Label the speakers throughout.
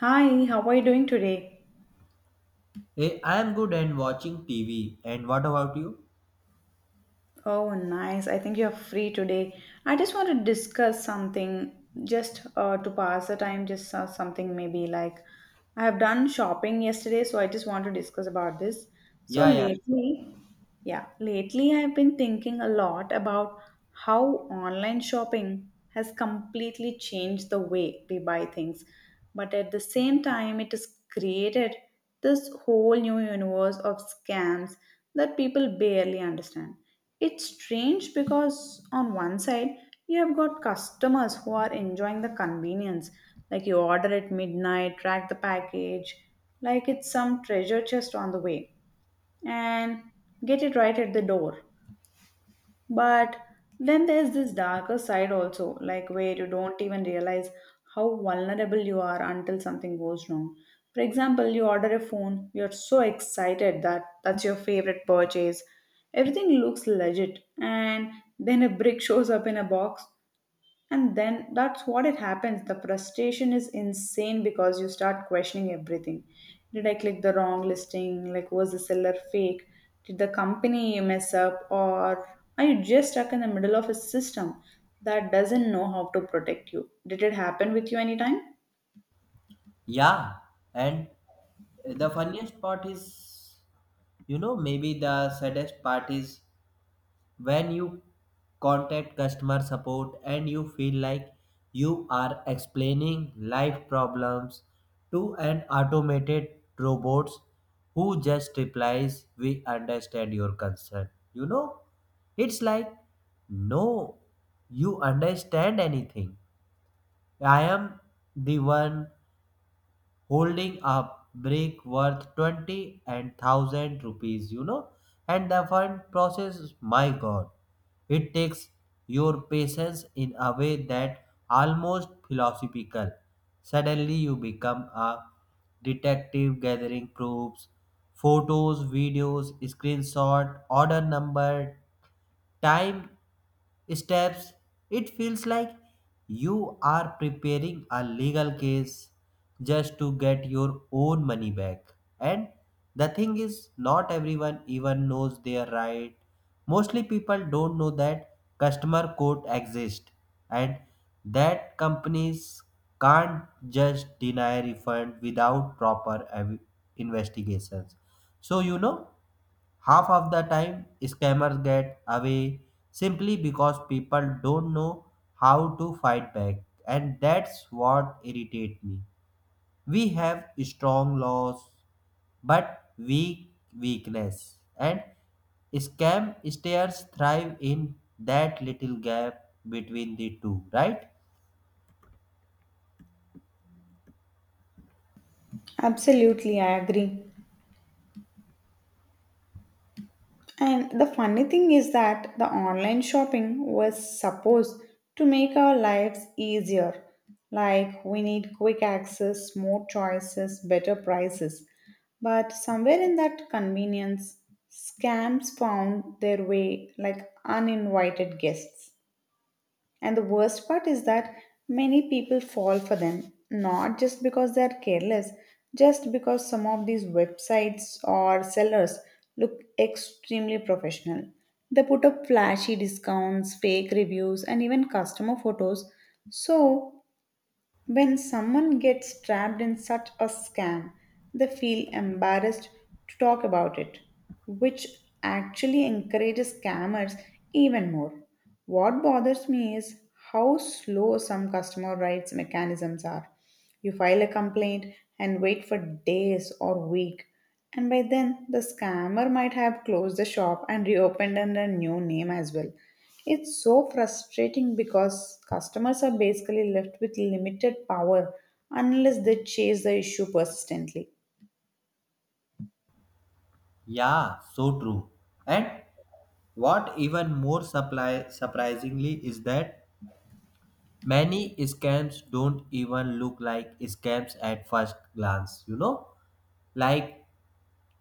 Speaker 1: Hi, how are you doing today?
Speaker 2: I am good and watching TV. And what about you?
Speaker 1: Oh, nice. I think you're free today. I just want to discuss something just to pass the time, just something maybe like I have done shopping yesterday, so I just want to discuss about this. So
Speaker 2: Yeah, yeah,
Speaker 1: lately, yeah, lately I've been thinking a lot about how online shopping has completely changed the way we buy things. But at the same time, it has created this whole new universe of scams that people barely understand. It's strange because, on one side, you have got customers who are enjoying the convenience, like you order at midnight, track the package, like it's some treasure chest on the way and get it right at the door. But then there's this darker side also, like where you don't even realize how vulnerable you are until something goes wrong. For example, you order a phone, you're so excited that that's your favorite purchase. Everything looks legit, and then a brick shows up in a box and then that's what it happens. The frustration is insane because you start questioning everything. Did I click the wrong listing? Like, was the seller fake? Did the company mess up? Or are you just stuck in the middle of a system that doesn't know how to protect you? Did it happen with you anytime?
Speaker 2: yeah. And the funniest part is, maybe the saddest part is when you contact customer support and you feel like you are explaining life problems to an automated robots who just replies we understand your concern. It's like, no, you understand anything. I am the one holding a brick worth 20 and 1000 rupees. And the fund process, my god, it takes your patience in a way that almost philosophical. Suddenly you become a detective gathering proofs, photos, videos, screenshot, order number, time, steps. It feels like you are preparing a legal case just to get your own money back. And the thing is, not everyone even knows their right. Mostly people don't know that customer court exists and that companies can't just deny refund without proper investigations. So, half of the time, scammers get away simply because people don't know how to fight back, and that's what irritates me. We have strong laws but weakness, and scam stairs thrive in that little gap between the two, right?
Speaker 1: Absolutely, I agree. And the funny thing is that the online shopping was supposed to make our lives easier. Like we need quick access, more choices, better prices. But somewhere in that convenience, scams found their way like uninvited guests. And the worst part is that many people fall for them, not just because they are careless, just because some of these websites or sellers look extremely professional. They put up flashy discounts, fake reviews, and even customer photos. So when someone gets trapped in such a scam, they feel embarrassed to talk about it, which actually encourages scammers even more. What bothers me is how slow some customer rights mechanisms are. You file a complaint and wait for days or week, and by then the scammer might have closed the shop and reopened under a new name as well. It's so frustrating because customers are basically left with limited power unless they chase the issue persistently.
Speaker 2: Yeah, so true. And what even more surprisingly is that many scams don't even look like scams at first glance, you know? Like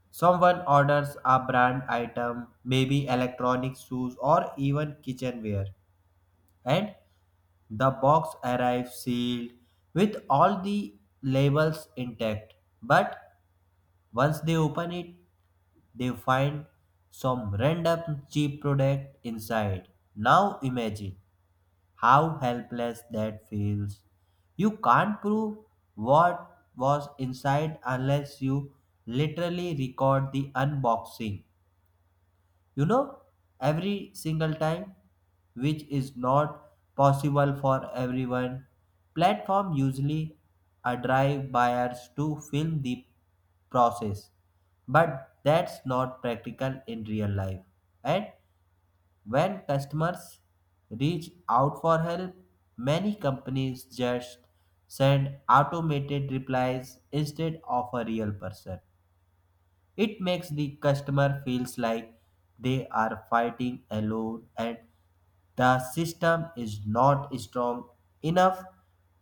Speaker 2: someone orders a brand item, maybe electronic shoes or even kitchenware, and the box arrives sealed with all the labels intact. But once they open it, they find some random cheap product inside. Now imagine how helpless that feels. You can't prove what was inside unless you literally record the unboxing. You know, every single time, which is not possible for everyone. Platform usually drive buyers to film the process, but that's not practical in real life. And when customers reach out for help, many companies just send automated replies instead of a real person. It makes the customer feels like they are fighting alone and the system is not strong enough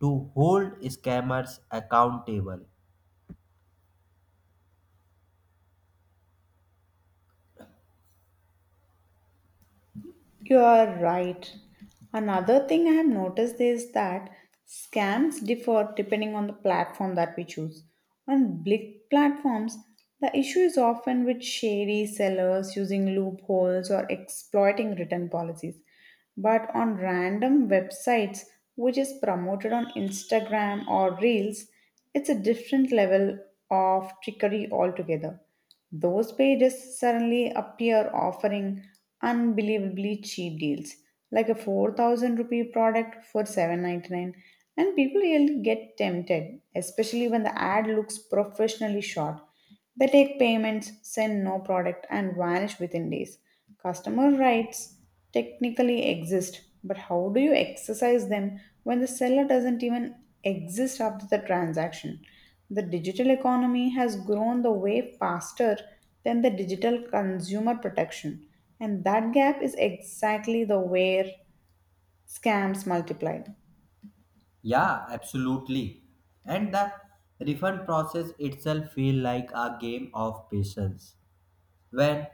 Speaker 2: to hold scammers accountable.
Speaker 1: You are right. Another thing I have noticed is that scams differ depending on the platform that we choose. On big platforms, the issue is often with shady sellers using loopholes or exploiting written policies. But on random websites, which is promoted on Instagram or Reels, it's a different level of trickery altogether. Those pages suddenly appear offering unbelievably cheap deals, like a 4000 rupee product for 799, and people really get tempted, especially when the ad looks professionally shot. They take payments, send no product, and vanish within days. Customer writes technically exist, but how do you exercise them when the seller doesn't even exist after the transaction? The digital economy has grown the way faster than the digital consumer protection, and that gap is exactly the where scams multiply.
Speaker 2: Yeah, absolutely. And the refund process itself feel like a game of patience. When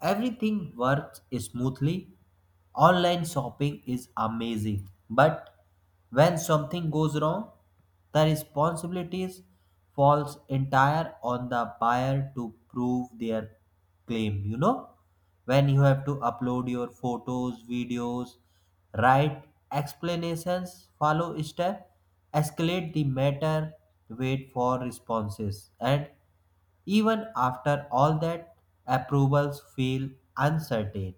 Speaker 2: everything works smoothly, online shopping is amazing. But when something goes wrong, the responsibilities falls entire on the buyer to prove their claim, you know? When you have to upload your photos, videos, write explanations, follow step, escalate the matter, wait for responses and even after all that, approvals feel uncertain.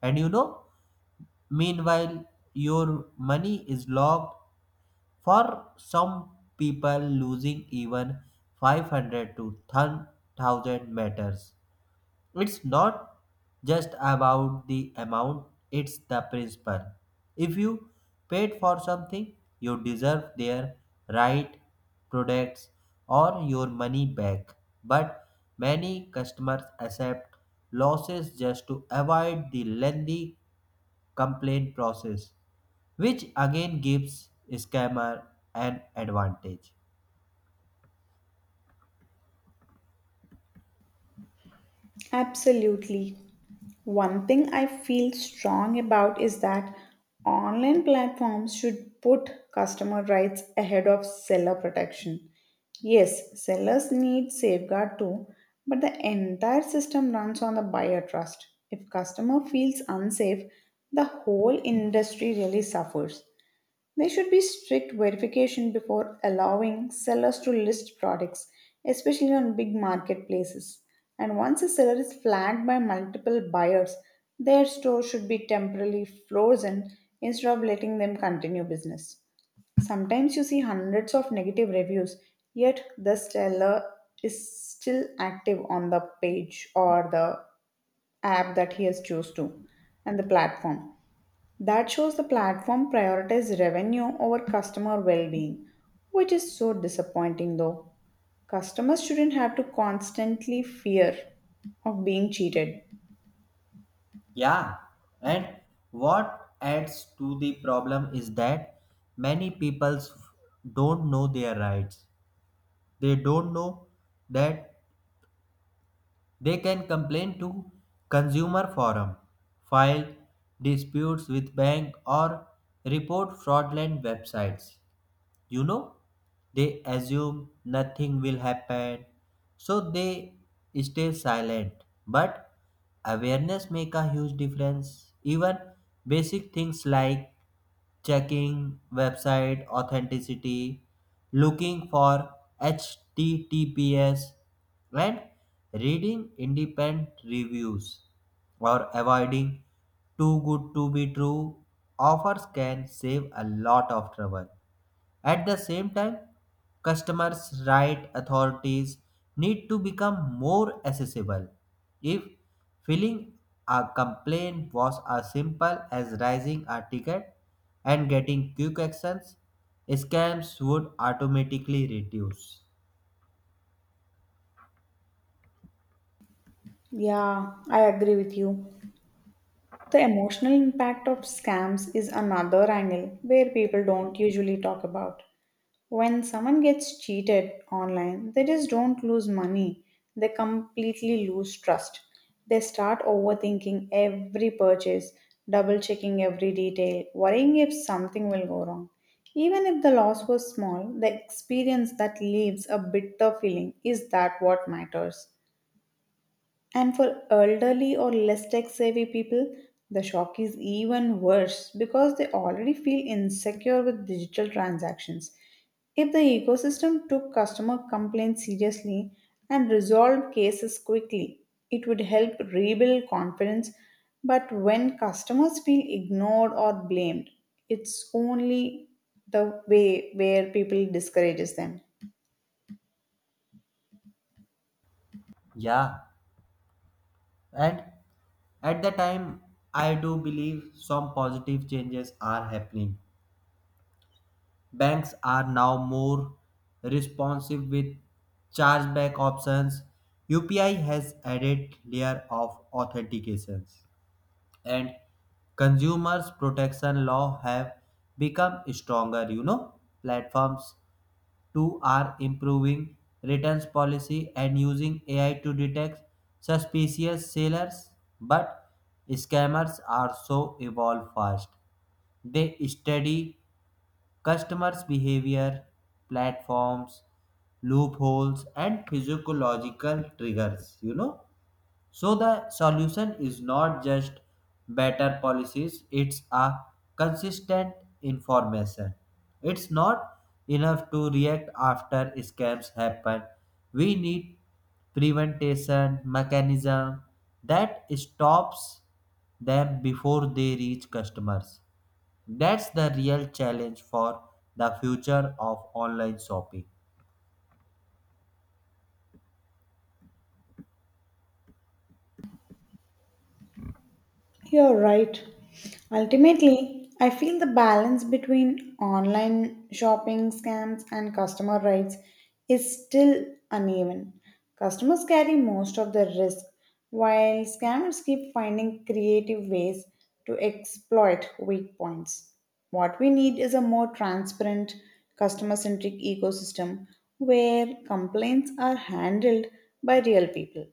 Speaker 2: And meanwhile, your money is locked. For some people, losing even 500 to 1000 matters. It's not just about the amount, it's the principle. If you paid for something, you deserve their right products or your money back. But many customers accept losses just to avoid the lengthy complaint process, which again gives scammer an advantage.
Speaker 1: Absolutely. One thing I feel strong about is that online platforms should put customer rights ahead of seller protection. Yes, sellers need safeguard too, but the entire system runs on the buyer trust. If customer feels unsafe, the whole industry really suffers. There should be strict verification before allowing sellers to list products, especially on big marketplaces. And once a seller is flagged by multiple buyers, their store should be temporarily frozen instead of letting them continue business. Sometimes you see hundreds of negative reviews, yet the seller is still active on the page or the app that he has chose to and the platform. That shows the platform prioritized revenue over customer well being, which is so disappointing though. Customers shouldn't have to constantly fear of being cheated.
Speaker 2: Yeah, and what adds to the problem is that many people don't know their rights. They don't know that they can complain to consumer forum, file disputes with bank or report fraudulent websites you know they assume nothing will happen, so they stay silent. But awareness make a huge difference, even basic things like checking website authenticity, looking for https, and reading independent reviews, or avoiding too good to be true offers can save a lot of trouble. At the same time, customers' right authorities need to become more accessible. If filling a complaint was as simple as raising a ticket and getting quick actions, scams would automatically reduce.
Speaker 1: Yeah, I agree with you. The emotional impact of scams is another angle where people don't usually talk about. When someone gets cheated online, they just don't lose money. They completely lose trust. They start overthinking every purchase, double checking every detail, worrying if something will go wrong. Even if the loss was small, the experience that leaves a bitter feeling is that what matters. And for elderly or less tech savvy people, the shock is even worse because they already feel insecure with digital transactions. If the ecosystem took customer complaints seriously and resolved cases quickly, it would help rebuild confidence. But when customers feel ignored or blamed, it's only the way where people discourages them.
Speaker 2: Yeah, and at the time, I do believe some positive changes are happening. Banks are now more responsive with chargeback options. UPI has added layer of authentications and consumers protection law have become stronger. Platforms too are improving returns policy and using AI to detect suspicious sellers. But scammers also evolve fast. They study customers' behavior, platforms, loopholes, and physiological triggers. So the solution is not just better policies, it's a consistent information. It's not enough to react after scams happen. We need prevention mechanism that stops them before they reach customers. That's the real challenge for the future of online shopping.
Speaker 1: You're right. Ultimately, I feel the balance between online shopping scams and customer rights is still uneven. Customers carry most of the risk, while scammers keep finding creative ways to exploit weak points. What we need is a more transparent, customer centric ecosystem where complaints are handled by real people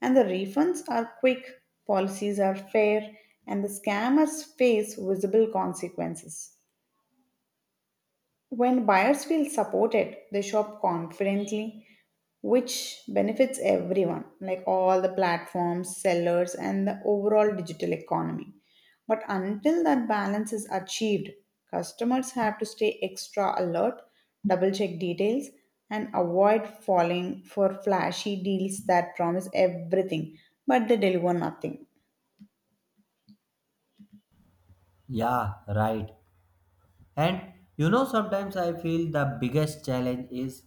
Speaker 1: and the refunds are quick, policies are fair, and the scammers face visible consequences. When buyers feel supported, they shop confidently, which benefits everyone, like all the platforms, sellers, and the overall digital economy. But until that balance is achieved, customers have to stay extra alert, double check details, and avoid falling for flashy deals that promise everything but they deliver nothing.
Speaker 2: Yeah, right. And sometimes I feel the biggest challenge is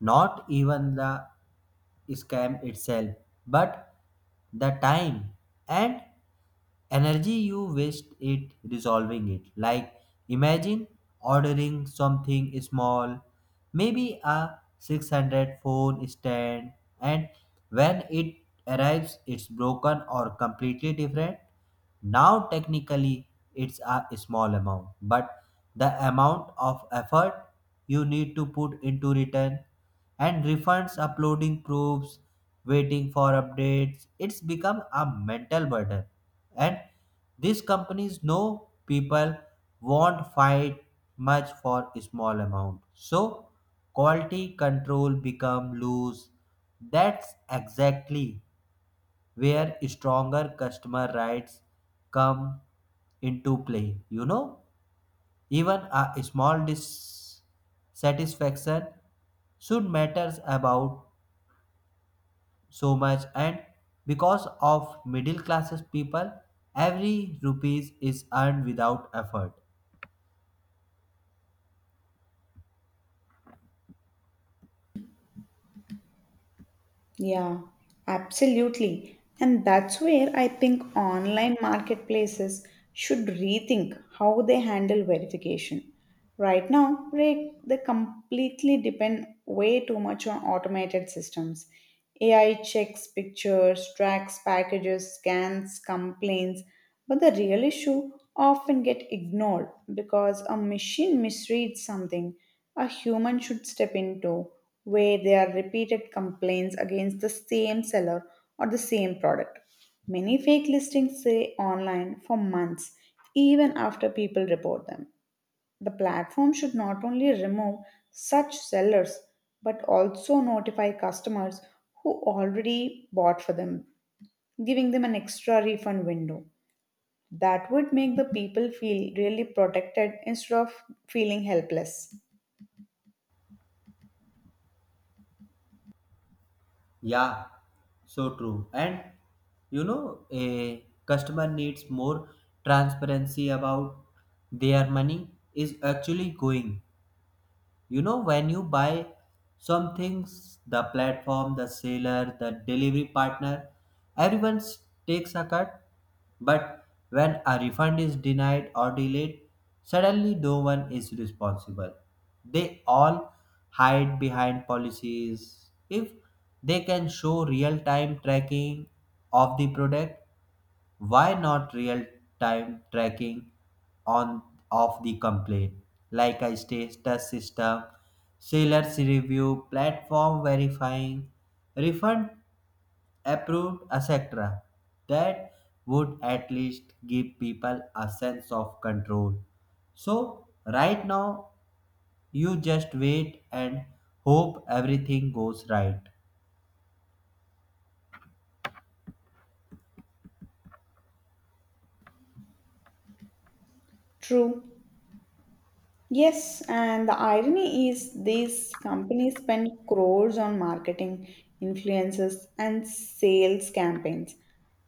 Speaker 2: not even the scam itself, but the time and energy you waste it resolving it. Like imagine ordering something small, maybe a 600 phone stand, and when it arrives it's broken or completely different. Now technically it's a small amount, but the amount of effort you need to put into return and refunds, uploading proofs, waiting for updates, it's become a mental burden. And these companies know people won't fight much for a small amount. So quality control become loose. That's exactly where stronger customer rights come into play. You know, even a small dissatisfaction should matters about so much, and because of middle classes people every rupees is earned without effort.
Speaker 1: Yeah, absolutely. And that's where I think online marketplaces should rethink how they handle verification. Right now, they completely depend way too much on automated systems. AI checks pictures, tracks packages, scans, complaints, but the real issue often get ignored because a machine misreads something a human should step into where there are repeated complaints against the same seller or the same product. Many fake listings stay online for months even after people report them. The platform should not only remove such sellers but also notify customers who already bought for them, giving them an extra refund window. That would make the people feel really protected instead of feeling helpless.
Speaker 2: Yeah, so true. And a customer needs more transparency about their money is actually going. You know, when you buy some things, the platform, the seller, the delivery partner, everyone takes a cut. But when a refund is denied or delayed, suddenly no one is responsible. They all hide behind policies. If they can show real time tracking of the product, why not real time tracking on of the complaint, like a status system, sellers review, platform verifying, refund approved, etc. That would at least give people a sense of control. So right now you just wait and hope everything goes right.
Speaker 1: True. Yes, and the irony is these companies spend crores on marketing, influences, and sales campaigns,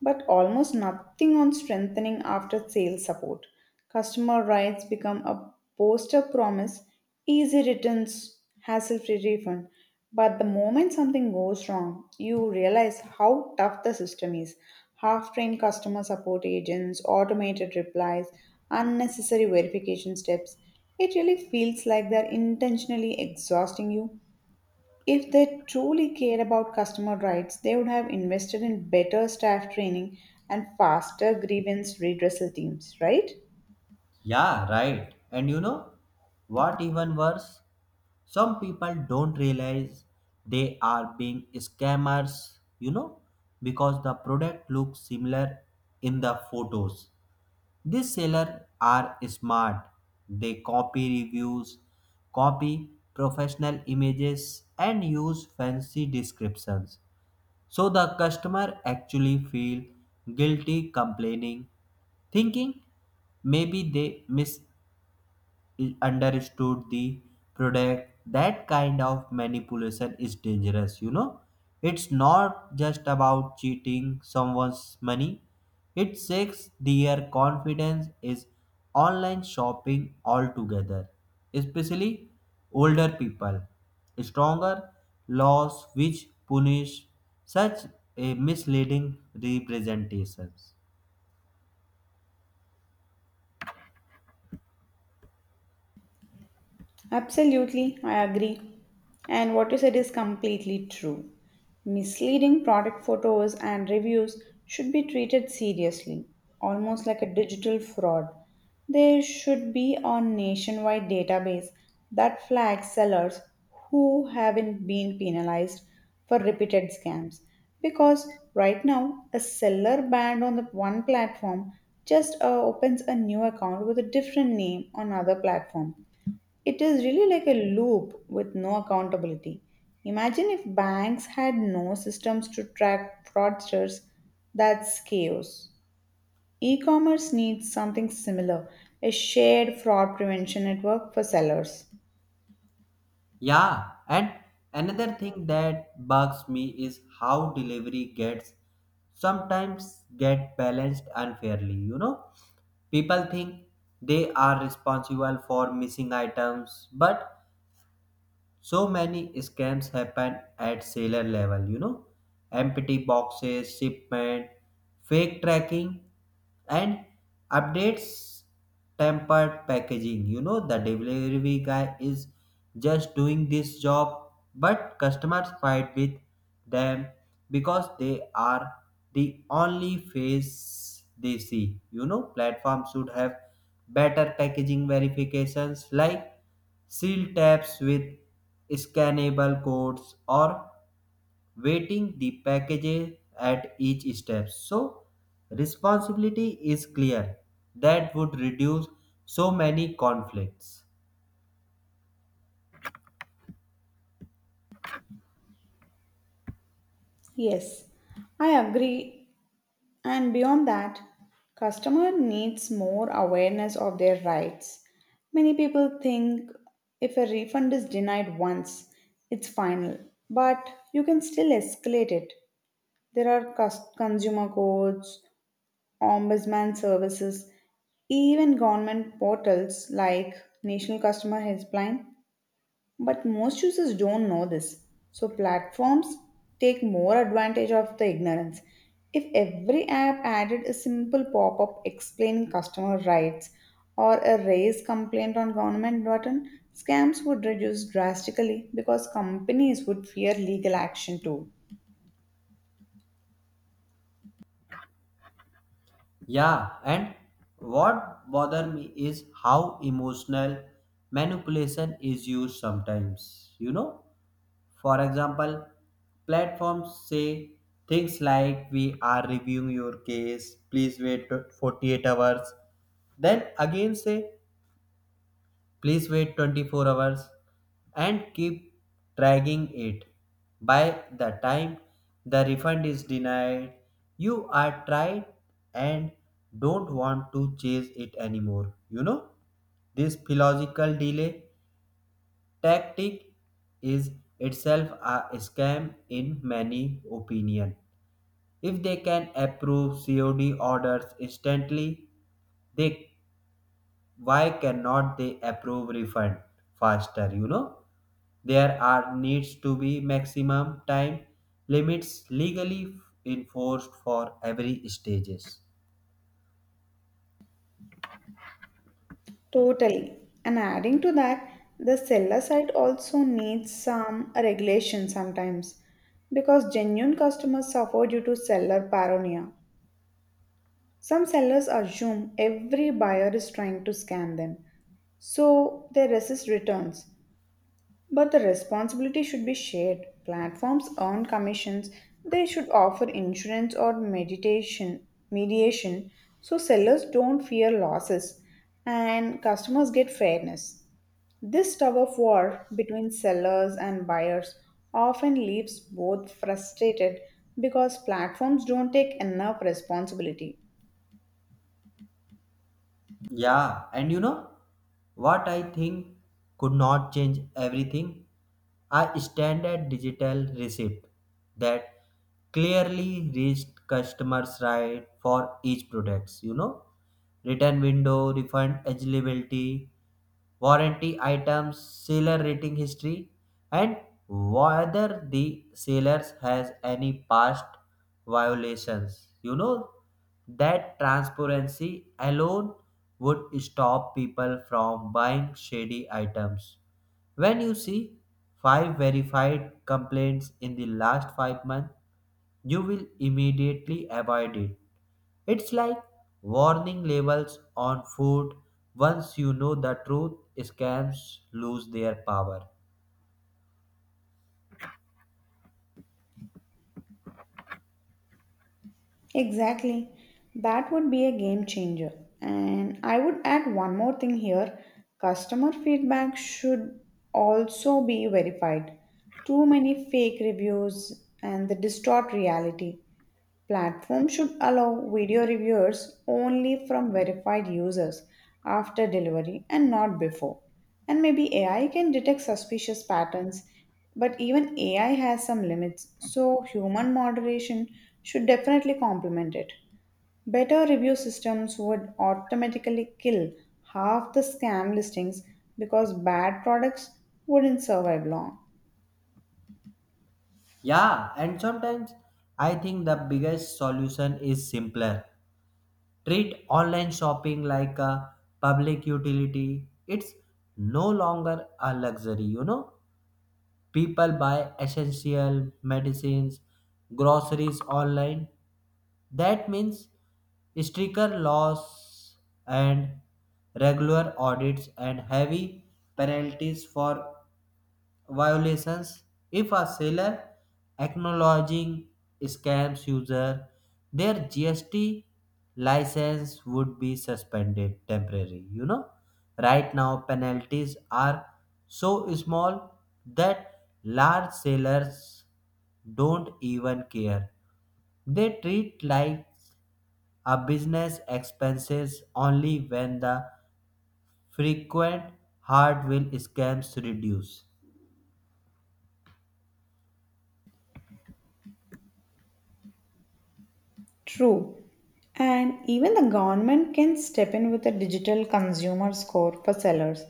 Speaker 1: but almost nothing on strengthening after sales support. Customer rights become a poster promise, easy returns, hassle free refund. But the moment something goes wrong, you realize how tough the system is. Half trained customer support agents, automated replies, unnecessary verification steps. It really feels like they're intentionally exhausting you. If they truly cared about customer rights, they would have invested in better staff training and faster grievance redressal teams, right?
Speaker 2: Yeah, right. And you know what, even worse? Some people don't realize they are being scammers, because the product looks similar in the photos. These sellers are smart. They copy reviews, copy professional images, and use fancy descriptions. So the customer actually feel guilty complaining, thinking maybe they miss understood the product. That kind of manipulation is dangerous. It's not just about cheating someone's money, it shakes their confidence is online shopping altogether, especially older people. Stronger laws which punish such a misleading representations.
Speaker 1: Absolutely, I agree. And what you said is completely true. Misleading product photos and reviews should be treated seriously, almost like a digital fraud. There should be a nationwide database that flags sellers who haven't been penalized for repeated scams. Because right now, a seller banned on the one platform just opens a new account with a different name on another platform, it is really like a loop with no accountability. Imagine if banks had no systems to track fraudsters, that's chaos. E commerce needs something similar, a shared fraud prevention network for sellers.
Speaker 2: Yeah, and another thing that bugs me is how delivery gets sometimes get balanced unfairly. People think they are responsible for missing items, but so many scams happen at seller level. Empty boxes, shipment, fake tracking and updates, tempered packaging. The delivery guy is just doing this job, but customers fight with them because they are the only face they see. Platforms should have better packaging verifications, like seal tabs with scannable codes or waiting the package at each step. So responsibility is clear. That would reduce so many conflicts.
Speaker 1: Yes, I agree. And beyond that, customer needs more awareness of their rights. Many people think if a refund is denied once, it's final, but you can still escalate it. There are cus- consumer courts, ombudsman services, even government portals like National Customer Helpline, but most users don't know this. So platforms take more advantage of the ignorance. If every app added a simple pop-up explaining customer rights or a raise complaint on government button, scams would reduce drastically because companies would fear legal action too.
Speaker 2: Yeah, and what bother me is how emotional manipulation is used sometimes. For example, platforms say things like we are reviewing your case, please wait 48 hours. Then again say please wait 24 hours and keep dragging it. By the time the refund is denied, you are tried and don't want to chase it anymore. This philosophical delay tactic is itself a scam in many opinion. If they can approve COD orders instantly, they why cannot they approve refund faster, you know? There are needs to be maximum time limits legally enforced for every stages.
Speaker 1: Totally. And adding to that, the seller side also needs some regulation sometimes because genuine customers suffer due to seller paranoia. Some sellers assume every buyer is trying to scam them, so they resist returns. But the responsibility should be shared. Platforms earn commissions, they should offer insurance or meditation, mediation so sellers don't fear losses and customers get fairness. This tug of war between sellers and buyers often leaves both frustrated because platforms don't take enough responsibility.
Speaker 2: Yeah, and you know what I think could not change everything? A standard digital receipt that clearly reached customers right for each products. Return window, refund eligibility, warranty items, seller rating history, and whether the seller has any past violations. You know that transparency alone would stop people from buying shady items. When you see five verified complaints in the last 5 months, you will immediately avoid it. It's like warning labels on food. Once you know the truth, scams lose their power.
Speaker 1: Exactly. That would be a game changer. And I would add one more thing here, customer feedback should also be verified. Too many fake reviews and the distort reality. Platforms should allow video reviewers only from verified users after delivery and not before. And maybe AI can detect suspicious patterns, but even AI has some limits, so human moderation should definitely complement it. Better review systems would automatically kill half the scam listings because bad products wouldn't survive long.
Speaker 2: Yeah, and sometimes I think the biggest solution is simpler. Treat online shopping like a public utility. It's no longer a luxury. People buy essential medicines, groceries online. That means stricter laws and regular audits and heavy penalties for violations. If a seller acknowledging scams user their gst license would be suspended temporarily. Right now penalties are so small that large sellers don't even care, they treat like a business expenses. Only when the frequent hard will scams reduce.
Speaker 1: True. And even the government can step in with a digital consumer score for sellers.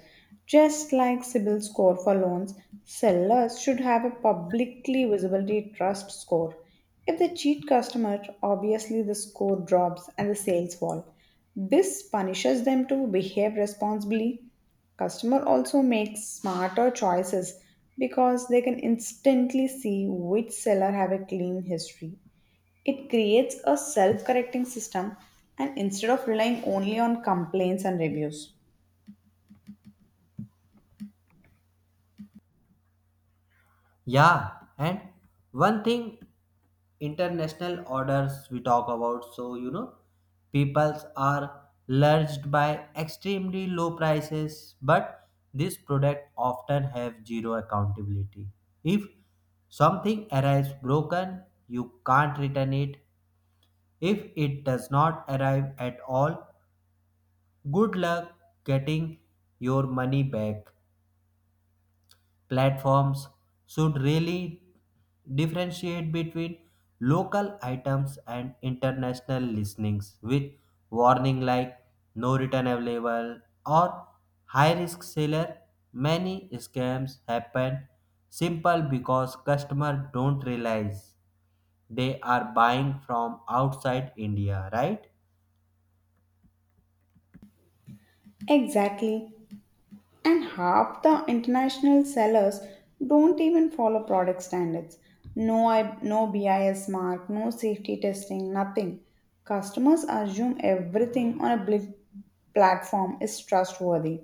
Speaker 1: Just like CIBIL score for loans, sellers should have a publicly visibility trust score. If they cheat customers, obviously the score drops and the sales fall. This punishes them to behave responsibly. Customer also makes smarter choices because they can instantly see which seller have a clean history, it creates a self correcting system and instead of relying only on complaints and reviews.
Speaker 2: Yeah, and one thing international orders we talk about, so peoples are lurched by extremely low prices, but this product often have zero accountability. If something arrives broken, you can't return it. If it does not arrive at all, good luck getting your money back. Platforms should really differentiate between local items and international listings with warning like no return available or high risk seller. Many scams happen simple because customers don't realize they are buying from outside india, right?
Speaker 1: Exactly. And half the international sellers don't even follow product standards. No, I, no BIS mark, no safety testing, nothing. Customers assume everything on a platform is trustworthy.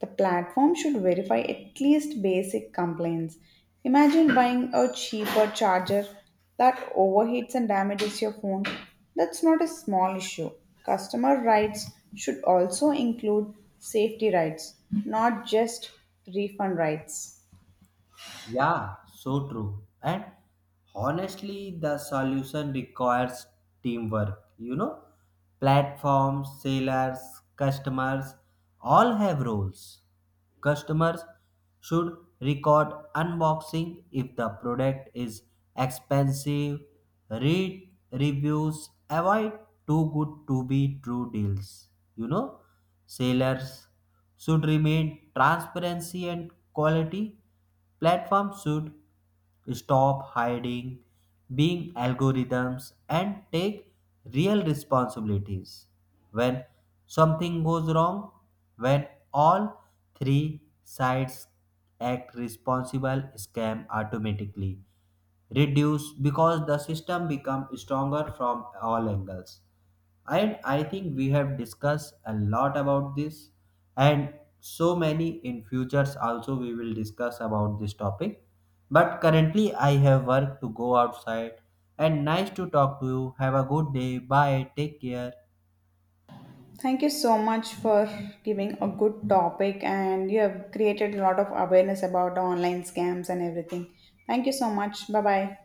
Speaker 1: The platform should verify at least basic complaints. Imagine buying a cheaper charger that overheats and damages your phone. That's not a small issue. Customer rights should also include safety rights, not just refund rights.
Speaker 2: Yeah, so true. And honestly, the solution requires teamwork. Platforms, sellers, customers all have roles. Customers should record unboxing if the product is expensive, read reviews, avoid too good to be true deals. Sellers should remain transparency and quality. Platforms should stop hiding being algorithms and take real responsibilities when something goes wrong. When all three sides act responsible, scam automatically reduce because the system becomes stronger from all angles. And I think we have discussed a lot about this, and so many in futures also we will discuss about this topic, but currently I have work to go outside. And nice to talk to you, have a good day, bye, take care.
Speaker 1: Thank you so much for giving a good topic and you have created a lot of awareness about online scams and everything. Thank you so much. Bye bye.